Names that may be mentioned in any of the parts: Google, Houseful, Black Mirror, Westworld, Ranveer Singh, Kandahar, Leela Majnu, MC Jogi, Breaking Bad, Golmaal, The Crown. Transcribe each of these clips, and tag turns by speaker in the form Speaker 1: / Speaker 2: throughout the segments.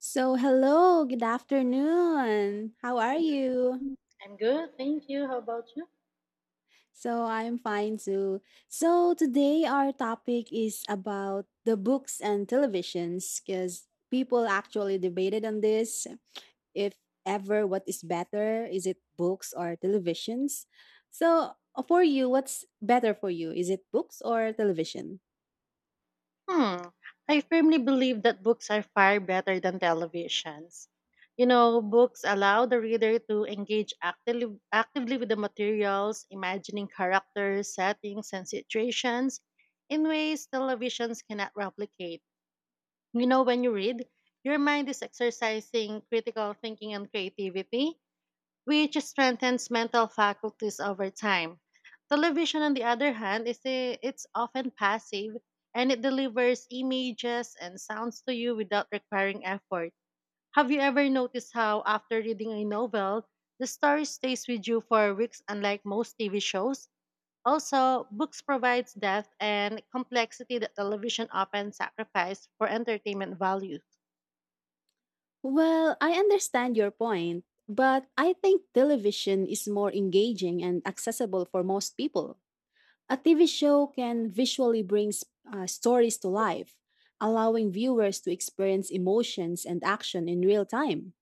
Speaker 1: So, hello, good afternoon. How are you?
Speaker 2: I'm good, thank you. How about you?
Speaker 1: So, I'm fine too. So, today our topic is about the books and televisions because people actually debated on this. If ever, what is better? Is it books or televisions? So, for you, what's better for you? Is it books or television?
Speaker 2: Hmm. I firmly believe that books are far better than televisions. You know, books allow the reader to engage actively with the materials, imagining characters, settings, and situations in ways televisions cannot replicate. You know, when you read, your mind is exercising critical thinking and creativity, which strengthens mental faculties over time. Television, on the other hand, it's often passive, and it delivers images and sounds to you without requiring effort. Have you ever noticed how, after reading a novel, the story stays with you for weeks, unlike most TV shows? Also, books provides depth and complexity that television often sacrifices for entertainment value.
Speaker 1: Well, I understand your point, but I think television is more engaging and accessible for most people. A TV show can visually bring stories to life, allowing viewers to experience emotions and action in real time.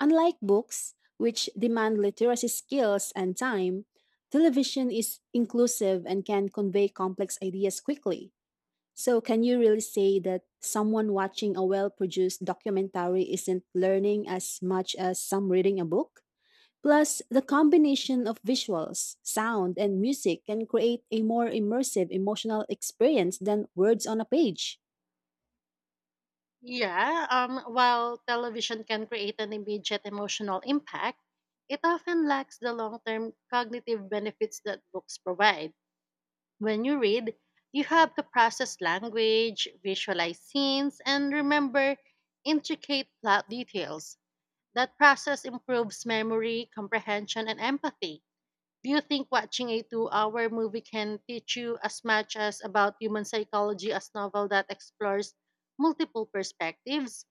Speaker 1: Unlike books, which demand literacy skills and time, television is inclusive and can convey complex ideas quickly. So, can you really say that someone watching a well produced documentary isn't learning as much as some reading a book? Plus, the combination of visuals, sound, and music can create a more immersive emotional experience than words on a page.
Speaker 2: Yeah, while television can create an immediate emotional impact, it often lacks the long term cognitive benefits that books provide. When you read, you have to process language, visualize scenes, and remember intricate plot details. That process improves memory, comprehension, and empathy. Do you think watching a 2 hour movie can teach you as much as about human psychology as novel that explores multiple perspectives?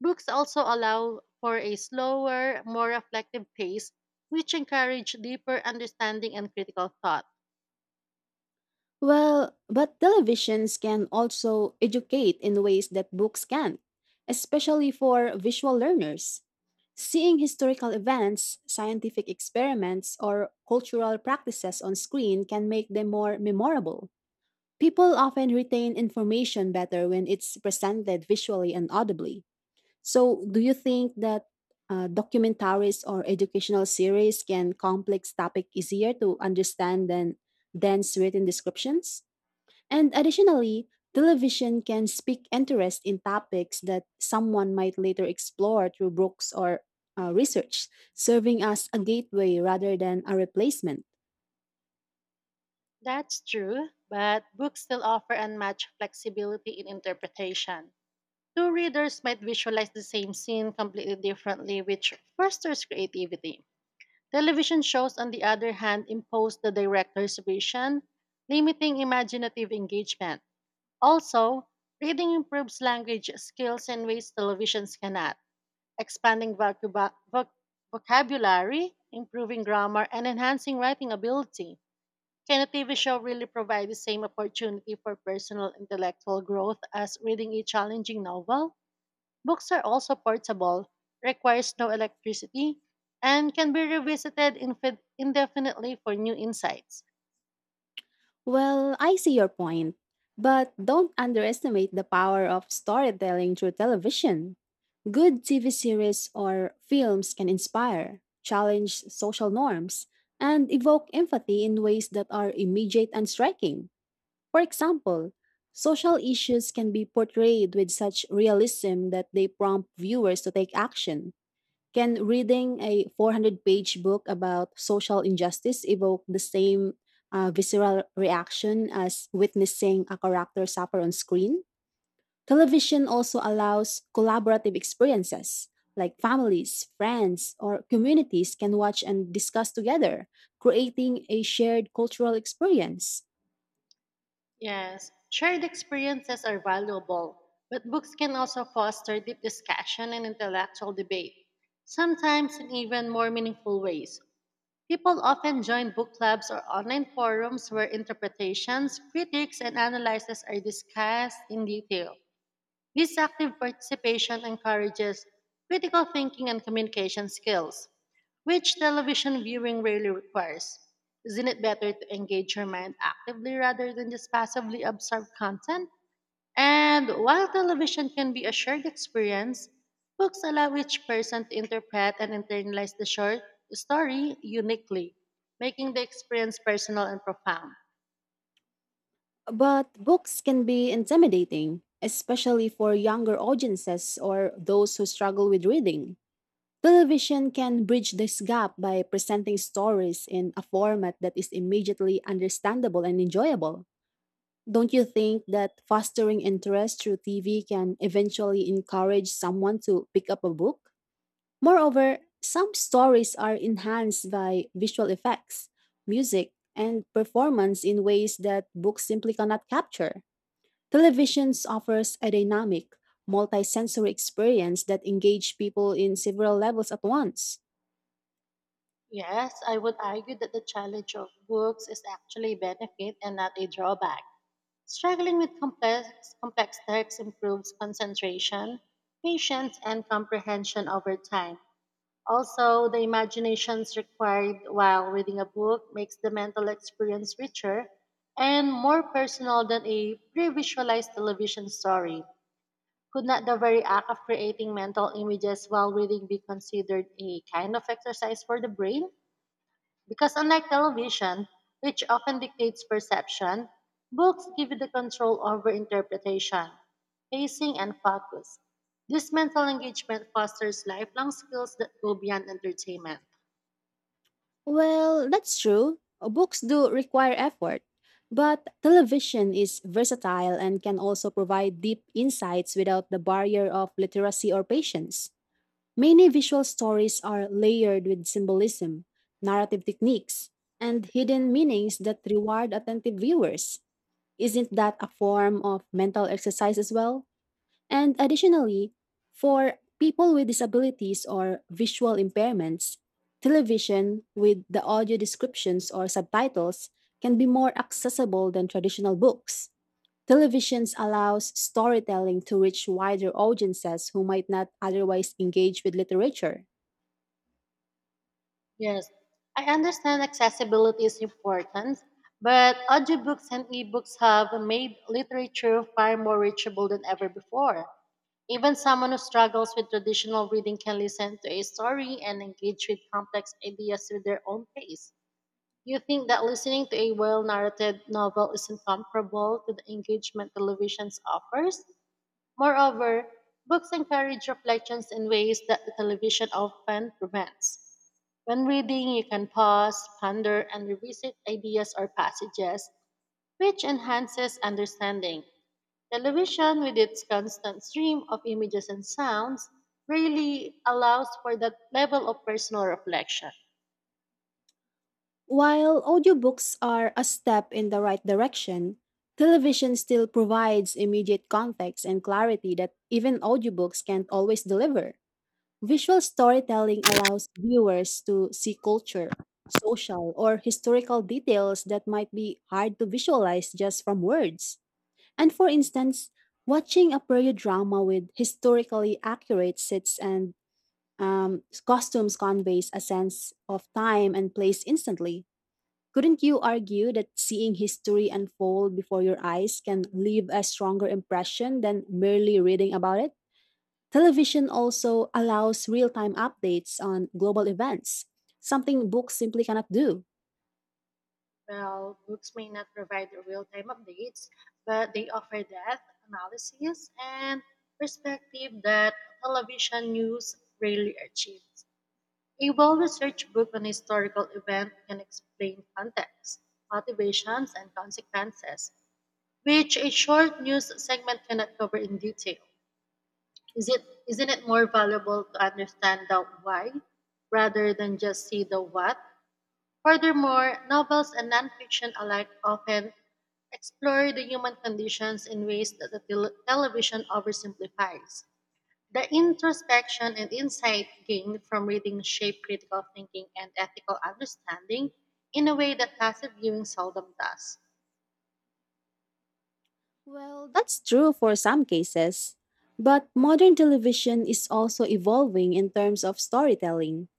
Speaker 2: Books also allow for a slower, more reflective pace, which encourage deeper understanding and critical thought.
Speaker 1: Well, but televisions can also educate in ways that books can't, especially for visual learners. Seeing historical events, scientific experiments, or cultural practices on screen can make them more memorable. People often retain information better when it's presented visually and audibly. So, do you think that documentaries or educational series can complex topic easier to understand than dense written descriptions? And additionally, television can speak interest in topics that someone might later explore through books or research, serving as a gateway rather than a replacement.
Speaker 2: That's true, but books still offer unmatched flexibility in interpretation. Two readers might visualize the same scene completely differently, which fosters creativity. Television shows, on the other hand, impose the director's vision, limiting imaginative engagement. Also, reading improves language skills in ways televisions cannot, expanding vocabulary, improving grammar, and enhancing writing ability. Can a TV show really provide the same opportunity for personal intellectual growth as reading a challenging novel? Books are also portable, requires no electricity, and can be revisited indefinitely for new insights.
Speaker 1: Well, I see your point, but don't underestimate the power of storytelling through television. Good TV series or films can inspire, challenge social norms, and evoke empathy in ways that are immediate and striking. For example, social issues can be portrayed with such realism that they prompt viewers to take action. Can reading a 400-page book about social injustice evoke the same visceral reaction as witnessing a character suffer on screen? Television also allows collaborative experiences, like families, friends, or communities can watch and discuss together, creating a shared cultural experience.
Speaker 2: Yes, shared experiences are valuable, but books can also foster deep discussion and intellectual debate, sometimes in even more meaningful ways. People often join book clubs or online forums where interpretations, critiques, and analyses are discussed in detail. This active participation encourages critical thinking and communication skills, which television viewing rarely requires. Isn't it better to engage your mind actively rather than just passively absorb content? And while television can be a shared experience, books allow each person to interpret and internalize the short story uniquely, making the experience personal and profound.
Speaker 1: But books can be intimidating, especially for younger audiences or those who struggle with reading. Television can bridge this gap by presenting stories in a format that is immediately understandable and enjoyable. Don't you think that fostering interest through TV can eventually encourage someone to pick up a book? Moreover, some stories are enhanced by visual effects, music, and performance in ways that books simply cannot capture. Televisions offers a dynamic, multisensory experience that engage people in several levels at once.
Speaker 2: Yes, I would argue that the challenge of books is actually a benefit and not a drawback. Struggling with complex texts improves concentration, patience, and comprehension over time. Also, the imaginations required while reading a book makes the mental experience richer and more personal than a pre-visualized television story. Could not the very act of creating mental images while reading be considered a kind of exercise for the brain? Because unlike television, which often dictates perception, books give you the control over interpretation, pacing, and focus. This mental engagement fosters lifelong skills that go beyond entertainment.
Speaker 1: Well, that's true. Books do require effort, but television is versatile and can also provide deep insights without the barrier of literacy or patience. Many visual stories are layered with symbolism, narrative techniques, and hidden meanings that reward attentive viewers. Isn't that a form of mental exercise as well? And additionally, for people with disabilities or visual impairments, television with the audio descriptions or subtitles can be more accessible than traditional books. Televisions allows storytelling to reach wider audiences who might not otherwise engage with literature.
Speaker 2: Yes, I understand accessibility is important, but audiobooks and ebooks have made literature far more reachable than ever before. Even someone who struggles with traditional reading can listen to a story and engage with complex ideas with their own pace. You think that listening to a well narrated novel isn't comparable to the engagement television offers? Moreover, books encourage reflections in ways that the television often prevents. When reading, you can pause, ponder, and revisit ideas or passages, which enhances understanding. Television, with its constant stream of images and sounds, really allows for that level of personal reflection.
Speaker 1: While audiobooks are a step in the right direction, television still provides immediate context and clarity that even audiobooks can't always deliver. Visual storytelling allows viewers to see culture, social, or historical details that might be hard to visualize just from words. And for instance, watching a period drama with historically accurate sets and costumes conveys a sense of time and place instantly. Couldn't you argue that seeing history unfold before your eyes can leave a stronger impression than merely reading about it? Television also allows real time updates on global events, something books simply cannot do.
Speaker 2: Well, books may not provide real time updates, but they offer depth, analysis, and perspective that television news rarely achieves. A well researched book on a historical event can explain context, motivations, and consequences, which a short news segment cannot cover in detail. Isn't it more valuable to understand the why rather than just see the what? Furthermore, novels and nonfiction alike often explore the human conditions in ways that the television oversimplifies. The introspection and insight gained from reading shape critical thinking and ethical understanding in a way that passive viewing seldom does.
Speaker 1: Well, that's true for some cases. But modern television is also evolving in terms of storytelling.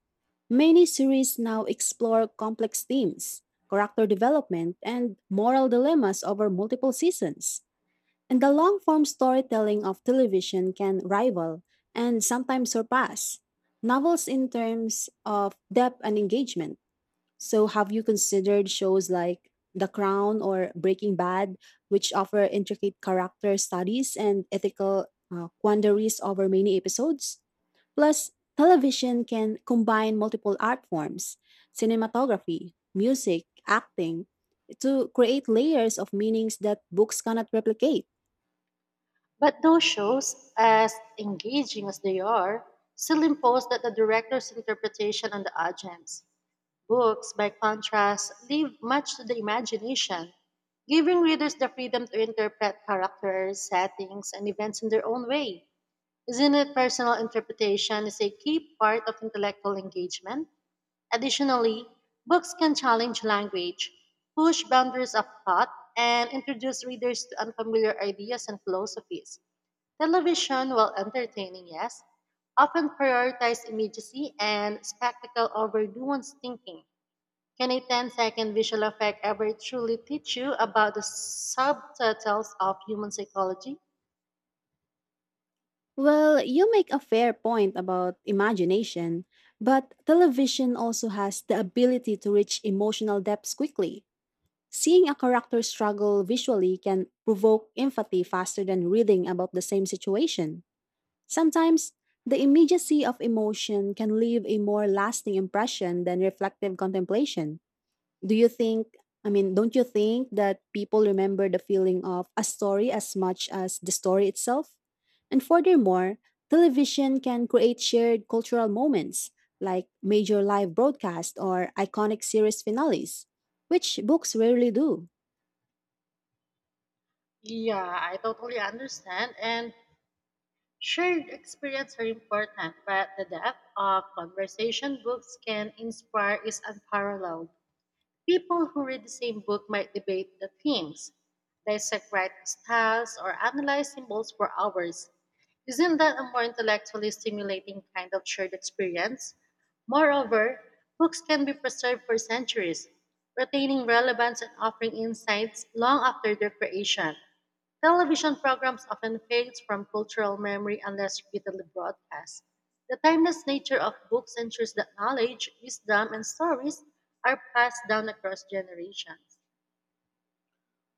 Speaker 1: Many series now explore complex themes, character development, and moral dilemmas over multiple seasons. And the long form storytelling of television can rival and sometimes surpass novels in terms of depth and engagement. So, have you considered shows like The Crown or Breaking Bad, which offer intricate character studies and ethical quandaries over many episodes? Plus, television can combine multiple art forms, cinematography, music, acting, to create layers of meanings that books cannot replicate.
Speaker 2: But those shows, as engaging as they are, still impose that the director's interpretation on the audience. Books, by contrast, leave much to the imagination, giving readers the freedom to interpret characters, settings, and events in their own way. Isn't it personal interpretation is a key part of intellectual engagement? Additionally, books can challenge language, push boundaries of thought, and introduce readers to unfamiliar ideas and philosophies. Television, while entertaining, yes, often prioritizes immediacy and spectacle over nuanced thinking. Can a ten-second visual effect ever truly teach you about the subtitles of human psychology?
Speaker 1: Well, you make a fair point about imagination, but television also has the ability to reach emotional depths quickly. Seeing a character struggle visually can provoke empathy faster than reading about the same situation. Sometimes, the immediacy of emotion can leave a more lasting impression than reflective contemplation. Do you think, I mean, don't you think that people remember the feeling of a story as much as the story itself? And furthermore, television can create shared cultural moments like major live broadcasts or iconic series finales, which books rarely do.
Speaker 2: Yeah, I totally understand. And shared experience are important, but the depth of conversation books can inspire is unparalleled. People who read the same book might debate the themes, dissect writing styles, or analyze symbols for hours. Isn't that a more intellectually stimulating kind of shared experience? Moreover, books can be preserved for centuries, retaining relevance and offering insights long after their creation. Television programs often fades from cultural memory unless repeatedly broadcast. The timeless nature of books ensures that knowledge, wisdom, and stories are passed down across generations.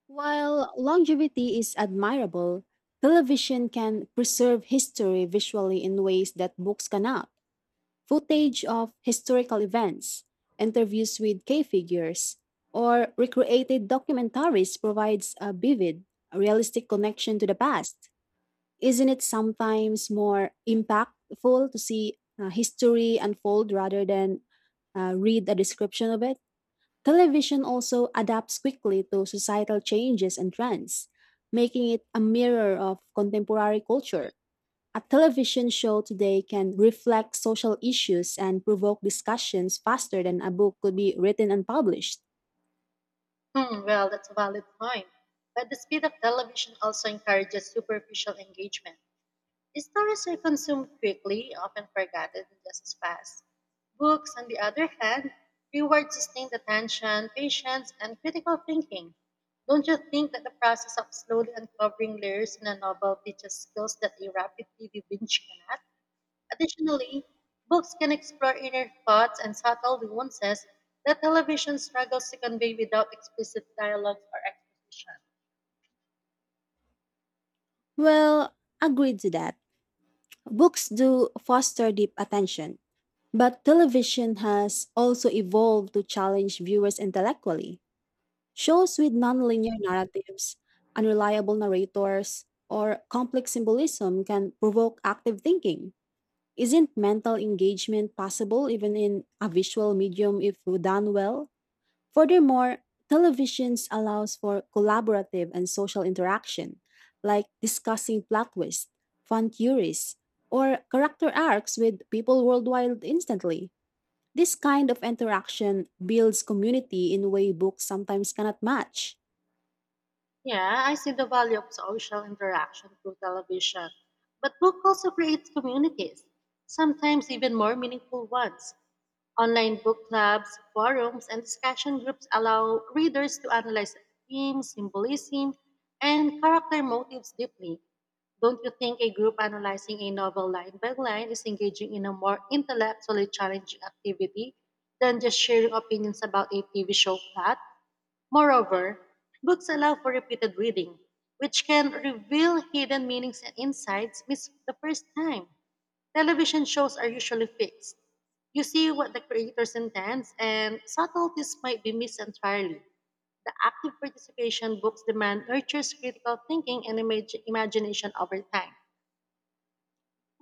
Speaker 1: While longevity is admirable, television can preserve history visually in ways that books cannot. Footage of historical events, interviews with key figures, or recreated documentaries provides a vivid, realistic connection to the past. Isn't it sometimes more impactful to see history unfold rather than read a description of it? Television also adapts quickly to societal changes and trends, making it a mirror of contemporary culture. A television show today can reflect social issues and provoke discussions faster than a book could be written and published.
Speaker 2: Hmm, well, that's a valid point. But the speed of television also encourages superficial engagement. Stories are consumed quickly, often forgotten just as fast. Books, on the other hand, reward sustained attention, patience, and critical thinking. Don't you think that the process of slowly uncovering layers in a novel teaches skills that a rapid TV binge cannot? Additionally, books can explore inner thoughts and subtle nuances that television struggles to convey without explicit dialogue or exposition.
Speaker 1: Well, agreed to that. Books do foster deep attention, but television has also evolved to challenge viewers intellectually. Shows with nonlinear narratives, unreliable narrators, or complex symbolism can provoke active thinking. Isn't mental engagement possible even in a visual medium if done well? Furthermore, televisions allows for collaborative and social interaction, like discussing plot twists, fun theories, or character arcs with people worldwide instantly. This kind of interaction builds community in a way books sometimes cannot match.
Speaker 2: Yeah, I see the value of social interaction through television. But book also creates communities, sometimes even more meaningful ones. Online book clubs, forums, and discussion groups allow readers to analyze themes, symbolism, and character motives deeply. Don't you think a group analyzing a novel line by line is engaging in a more intellectually challenging activity than just sharing opinions about a TV show plot? Moreover, books allow for repeated reading, which can reveal hidden meanings and insights missed the first time. Television shows are usually fixed. You see what the creators intends, and subtleties might be missed entirely. The active participation books demand nurtures critical thinking and imagination over time.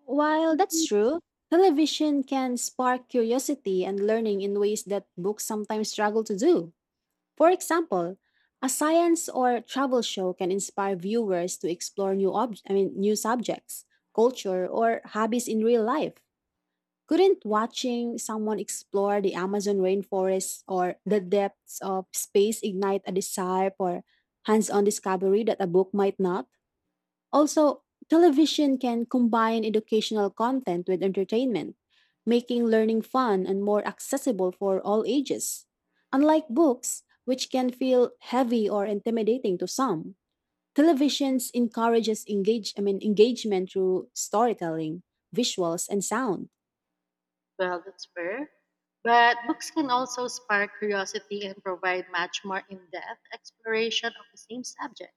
Speaker 1: While that's true, television can spark curiosity and learning in ways that books sometimes struggle to do. For example, a science or travel show can inspire viewers to explore new ob- I mean new subjects, culture, or hobbies in real life. Couldn't watching someone explore the Amazon rainforest or the depths of space ignite a desire for hands-on discovery that a book might not? Also, television can combine educational content with entertainment, making learning fun and more accessible for all ages. Unlike books, which can feel heavy or intimidating to some, televisions encourages engagement through storytelling, visuals and sound.
Speaker 2: Well, that's fair. But books can also spark curiosity and provide much more in depth exploration of the same subject.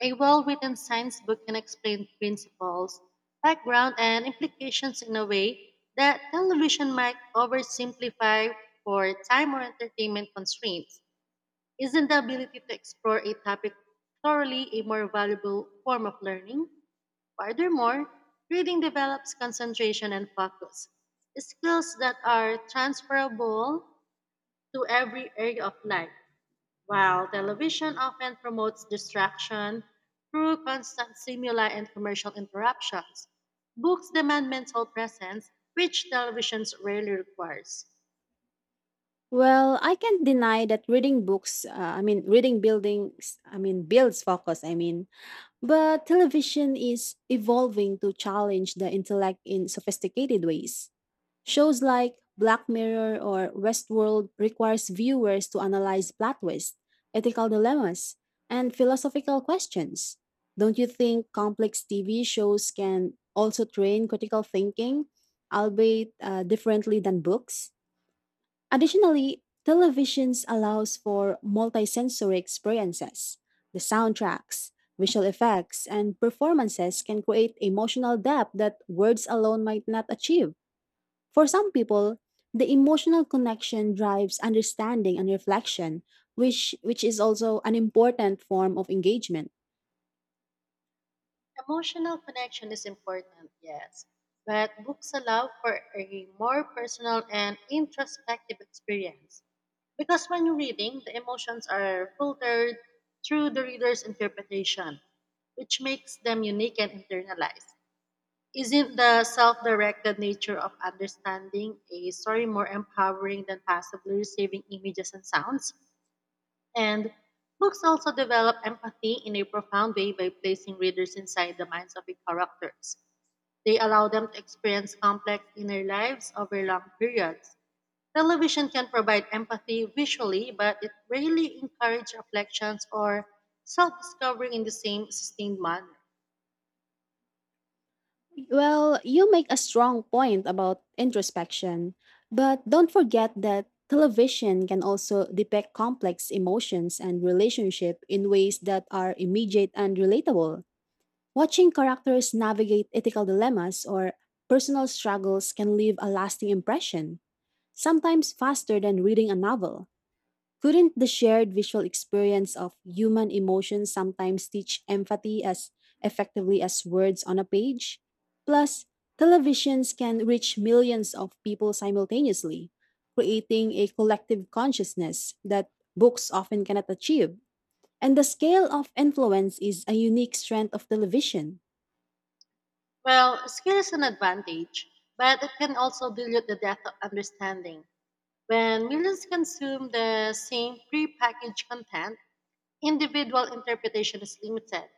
Speaker 2: A well written science book can explain principles, background, and implications in a way that television might oversimplify for time or entertainment constraints. Isn't the ability to explore a topic thoroughly a more valuable form of learning? Furthermore, reading develops concentration and focus, skills that are transferable to every area of life. While television often promotes distraction through constant stimuli and commercial interruptions, books demand mental presence, which television rarely requires.
Speaker 1: Well, I can't deny that reading books, I mean reading buildings, I mean builds focus, I mean but television is evolving to challenge the intellect in sophisticated ways. Shows like Black Mirror or Westworld requires viewers to analyze plot twists, ethical dilemmas, and philosophical questions. Don't you think complex TV shows can also train critical thinking, albeit differently than books? Additionally, televisions allows for multisensory experiences. The soundtracks, visual effects, and performances can create emotional depth that words alone might not achieve. For some people, the emotional connection drives understanding and reflection, which is also an important form of engagement.
Speaker 2: Emotional connection is important, yes, but books allow for a more personal and introspective experience. Because when you're reading, the emotions are filtered through the reader's interpretation, which makes them unique and internalized. Isn't the self directed nature of understanding a story more empowering than passively receiving images and sounds? And books also develop empathy in a profound way by placing readers inside the minds of the characters. They allow them to experience complex inner lives over long periods. Television can provide empathy visually, but it rarely encourages reflections or self discovery in the same sustained manner.
Speaker 1: Well, you make a strong point about introspection, but don't forget that television can also depict complex emotions and relationship in ways that are immediate and relatable. Watching characters navigate ethical dilemmas or personal struggles can leave a lasting impression, sometimes faster than reading a novel. Couldn't the shared visual experience of human emotion sometimes teach empathy as effectively as words on a page? Plus, televisions can reach millions of people simultaneously, creating a collective consciousness that books often cannot achieve. And the scale of influence is a unique strength of television.
Speaker 2: Well, skill is an advantage, but it can also dilute the depth of understanding. When millions consume the same prepackaged content, individual interpretation is limited.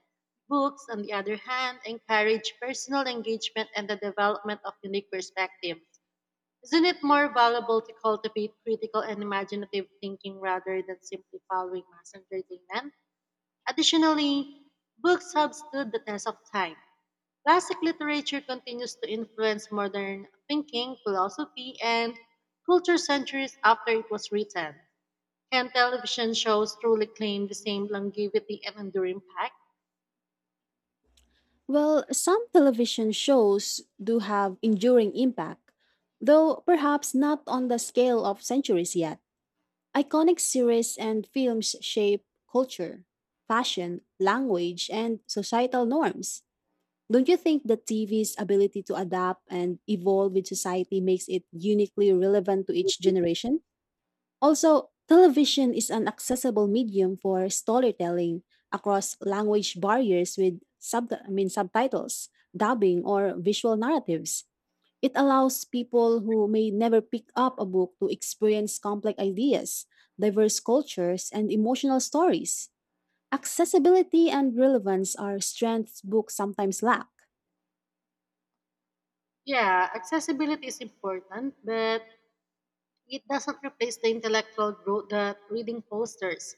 Speaker 2: Books, on the other hand, encourage personal engagement and the development of unique perspectives. Isn't it more valuable to cultivate critical and imaginative thinking rather than simply following mass entertainment? Additionally, books have stood the test of time. Classic literature continues to influence modern thinking, philosophy, and culture centuries after it was written. Can television shows truly claim the same longevity and enduring impact?
Speaker 1: Well, some television shows do have enduring impact, though perhaps not on the scale of centuries yet. Iconic series and films shape culture, fashion, language, and societal norms. Don't you think that TV's ability to adapt and evolve with society makes it uniquely relevant to each generation? Also, television is an accessible medium for storytelling across language barriers with subtitles, dubbing, or visual narratives. It allows people who may never pick up a book to experience complex ideas, diverse cultures, and emotional stories. Accessibility and relevance are strengths books sometimes lack.
Speaker 2: Yeah, accessibility is important, but it doesn't replace the intellectual growth that reading fosters.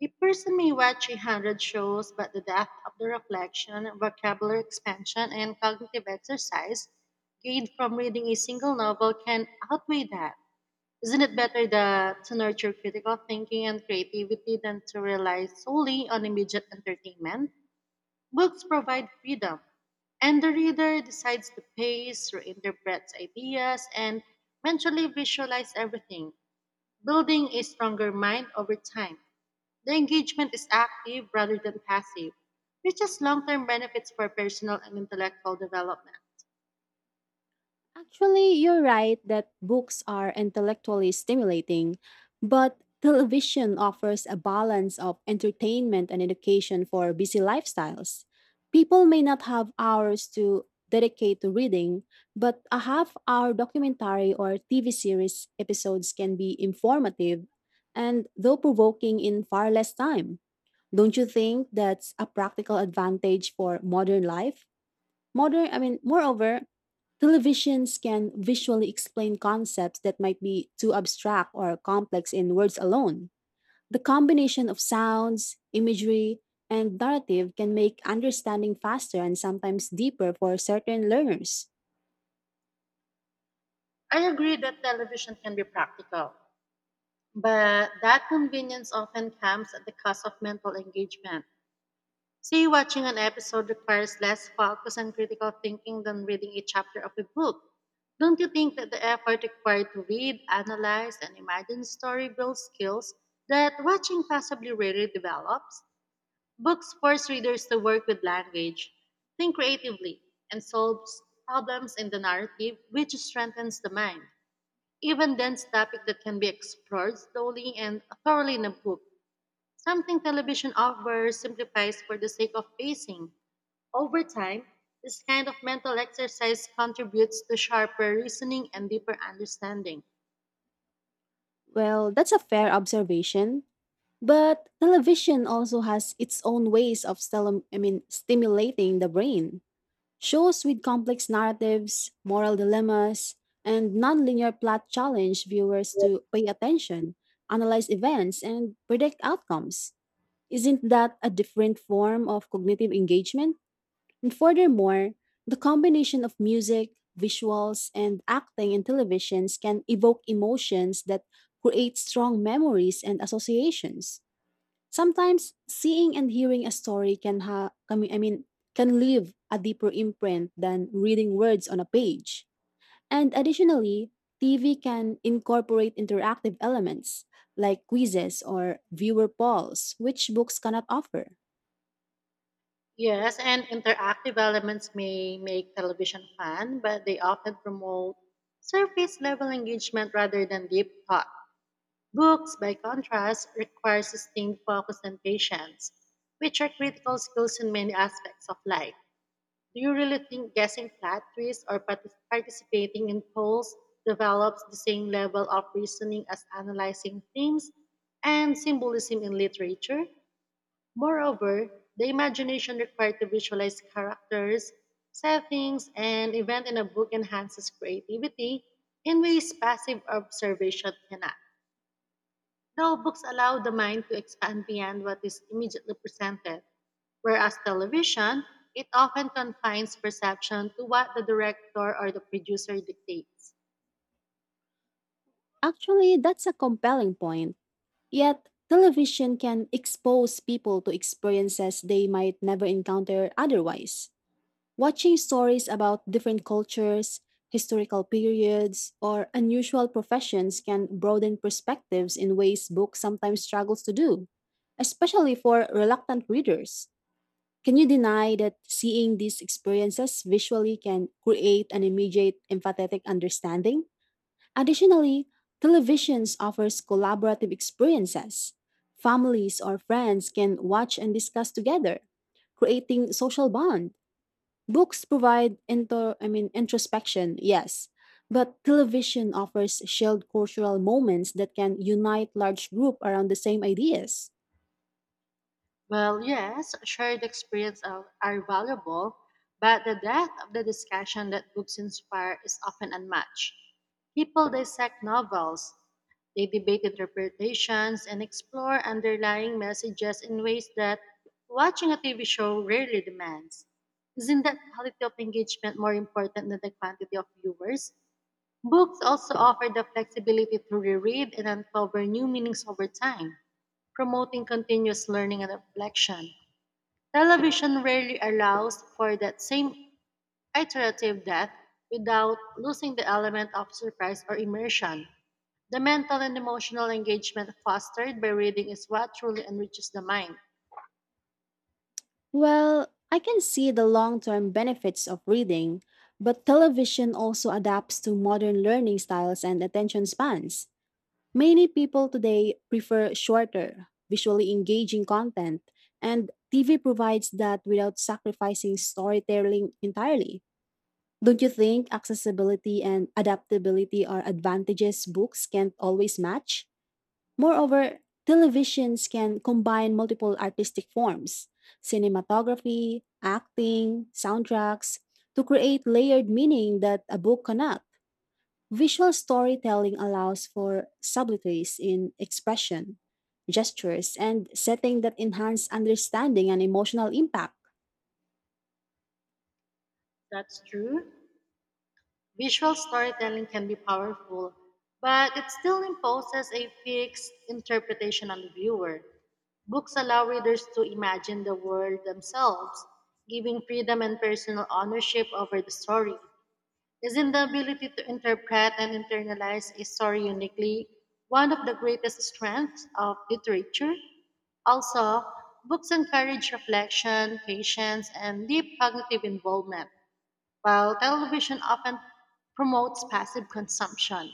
Speaker 2: A person may watch a hundred shows, but the depth of the reflection, vocabulary expansion, and cognitive exercise gained from reading a single novel can outweigh that. Isn't it better that to nurture critical thinking and creativity than to rely solely on immediate entertainment? Books provide freedom, and the reader decides the pace, reinterprets ideas, and mentally visualize everything, building a stronger mind over time. The engagement is active rather than passive, which has long-term benefits for personal and intellectual development.
Speaker 1: Actually, you're right that books are intellectually stimulating, but television offers a balance of entertainment and education for busy lifestyles. People may not have hours to dedicate to reading, but a half hour documentary or TV series episodes can be informative and though provoking in far less time. Don't you think that's a practical advantage for modern life? Moreover, televisions can visually explain concepts that might be too abstract or complex in words alone. The combination of sounds, imagery, and narrative can make understanding faster and sometimes deeper for certain learners.
Speaker 2: I agree that television can be practical. But that convenience often comes at the cost of mental engagement. Say, watching an episode requires less focus and critical thinking than reading a chapter of a book. Don't you think that the effort required to read, analyze, and imagine a story builds skills that watching possibly rarely develops? Books force readers to work with language, think creatively, and solve problems in the narrative, which strengthens the mind. Even dense topic that can be explored slowly and thoroughly in a book, something television offers simplifies for the sake of pacing. Over time, this kind of mental exercise contributes to sharper reasoning and deeper understanding.
Speaker 1: Well, that's a fair observation. But television also has its own ways of stimulating the brain. Shows with complex narratives, moral dilemmas, and nonlinear plot challenge viewers to pay attention, analyze events, and predict outcomes. Isn't that a different form of cognitive engagement? And furthermore, the combination of music, visuals, and acting in televisions can evoke emotions that create strong memories and associations. Sometimes seeing and hearing a story can ha I mean can leave a deeper imprint than reading words on a page. And additionally, TV can incorporate interactive elements like quizzes or viewer polls, which books cannot offer.
Speaker 2: Yes, and interactive elements may make television fun, but they often promote surface level engagement rather than deep thought. Books, by contrast, require sustained focus and patience, which are critical skills in many aspects of life. Do you really think guessing plot twists or participating in polls develops the same level of reasoning as analyzing themes and symbolism in literature? Moreover, the imagination required to visualize characters, settings, and event in a book enhances creativity in ways passive observation cannot. No books allow the mind to expand beyond what is immediately presented, whereas television, it often confines perception to what the director or the producer dictates.
Speaker 1: Actually, that's a compelling point. Yet, television can expose people to experiences they might never encounter otherwise. Watching stories about different cultures, historical periods, or unusual professions can broaden perspectives in ways books sometimes struggles to do, especially for reluctant readers. Can you deny that seeing these experiences visually can create an immediate empathetic understanding? Additionally, televisions offers collaborative experiences. Families or friends can watch and discuss together, creating social bonds. Books provide into I mean introspection, yes, but television offers shared cultural moments that can unite large group around the same ideas.
Speaker 2: Well, yes, shared experience are valuable, but the depth of the discussion that books inspire is often unmatched. People dissect novels, they debate interpretations, and explore underlying messages in ways that watching a TV show rarely demands. Isn't that quality of engagement more important than the quantity of viewers? Books also offer the flexibility to reread and uncover new meanings over time, promoting continuous learning and reflection. Television rarely allows for that same iterative depth without losing the element of surprise or immersion. The mental and emotional engagement fostered by reading is what truly enriches the mind.
Speaker 1: Well, I can see the long-term benefits of reading, but television also adapts to modern learning styles and attention spans. Many people today prefer shorter, visually engaging content, and TV provides that without sacrificing storytelling entirely. Don't you think accessibility and adaptability are advantages books can't always match? Moreover, televisions can combine multiple artistic forms, cinematography, acting, soundtracks, to create layered meaning that a book cannot. Visual storytelling allows for subtleties in expression, gestures, and setting that enhance understanding and emotional impact.
Speaker 2: That's true. Visual storytelling can be powerful, but it still imposes a fixed interpretation on the viewer. Books allow readers to imagine the world themselves, giving freedom and personal ownership over the story. Isn't the ability to interpret and internalize a story uniquely one of the greatest strengths of literature? Also, books encourage reflection, patience, and deep cognitive involvement, while television often promotes passive consumption.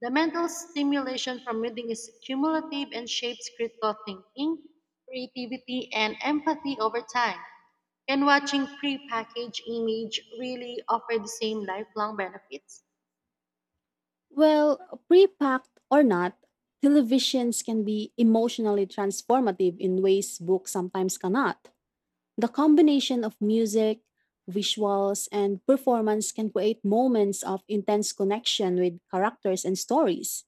Speaker 2: The mental stimulation from reading is cumulative and shapes critical thinking, creativity, and empathy over time. Can watching pre-packaged image really offer the same lifelong benefits?
Speaker 1: Well, pre-packed or not, televisions can be emotionally transformative in ways books sometimes cannot. The combination of music, visuals, and performance can create moments of intense connection with characters and stories.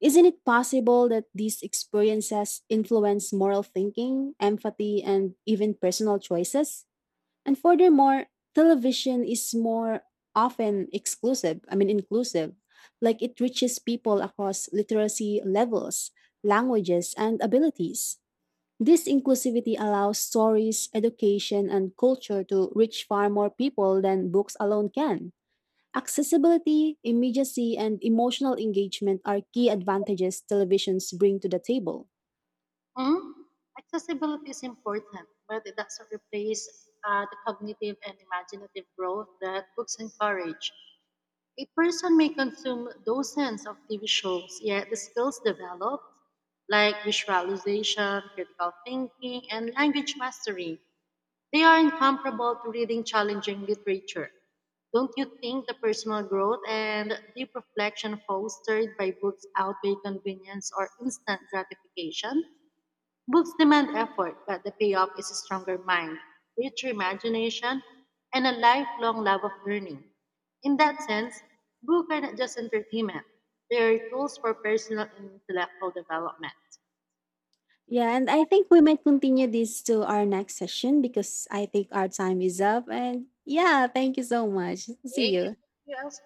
Speaker 1: Isn't it possible that these experiences influence moral thinking, empathy, and even personal choices? And furthermore, television is more often inclusive. Like it reaches people across literacy levels, languages, and abilities. This inclusivity allows stories, education, and culture to reach far more people than books alone can. Accessibility, immediacy, and emotional engagement are key advantages televisions bring to the table.
Speaker 2: Hmm? Accessibility is important, but it doesn't replace the cognitive and imaginative growth that books encourage. A person may consume dozens of TV shows, yet the skills developed, like visualization, critical thinking, and language mastery, they are incomparable to reading challenging literature. Don't you think the personal growth and deep reflection fostered by books outweigh convenience or instant gratification? Books demand effort, but the payoff is a stronger mind, richer imagination, and a lifelong love of learning. In that sense, books are not just entertainment, they are tools for personal and intellectual development.
Speaker 1: Yeah, and I think we might continue this to our next session because I think our time is up. And yeah, thank you so much.
Speaker 2: Okay,
Speaker 1: See
Speaker 2: can
Speaker 1: you.
Speaker 2: you ask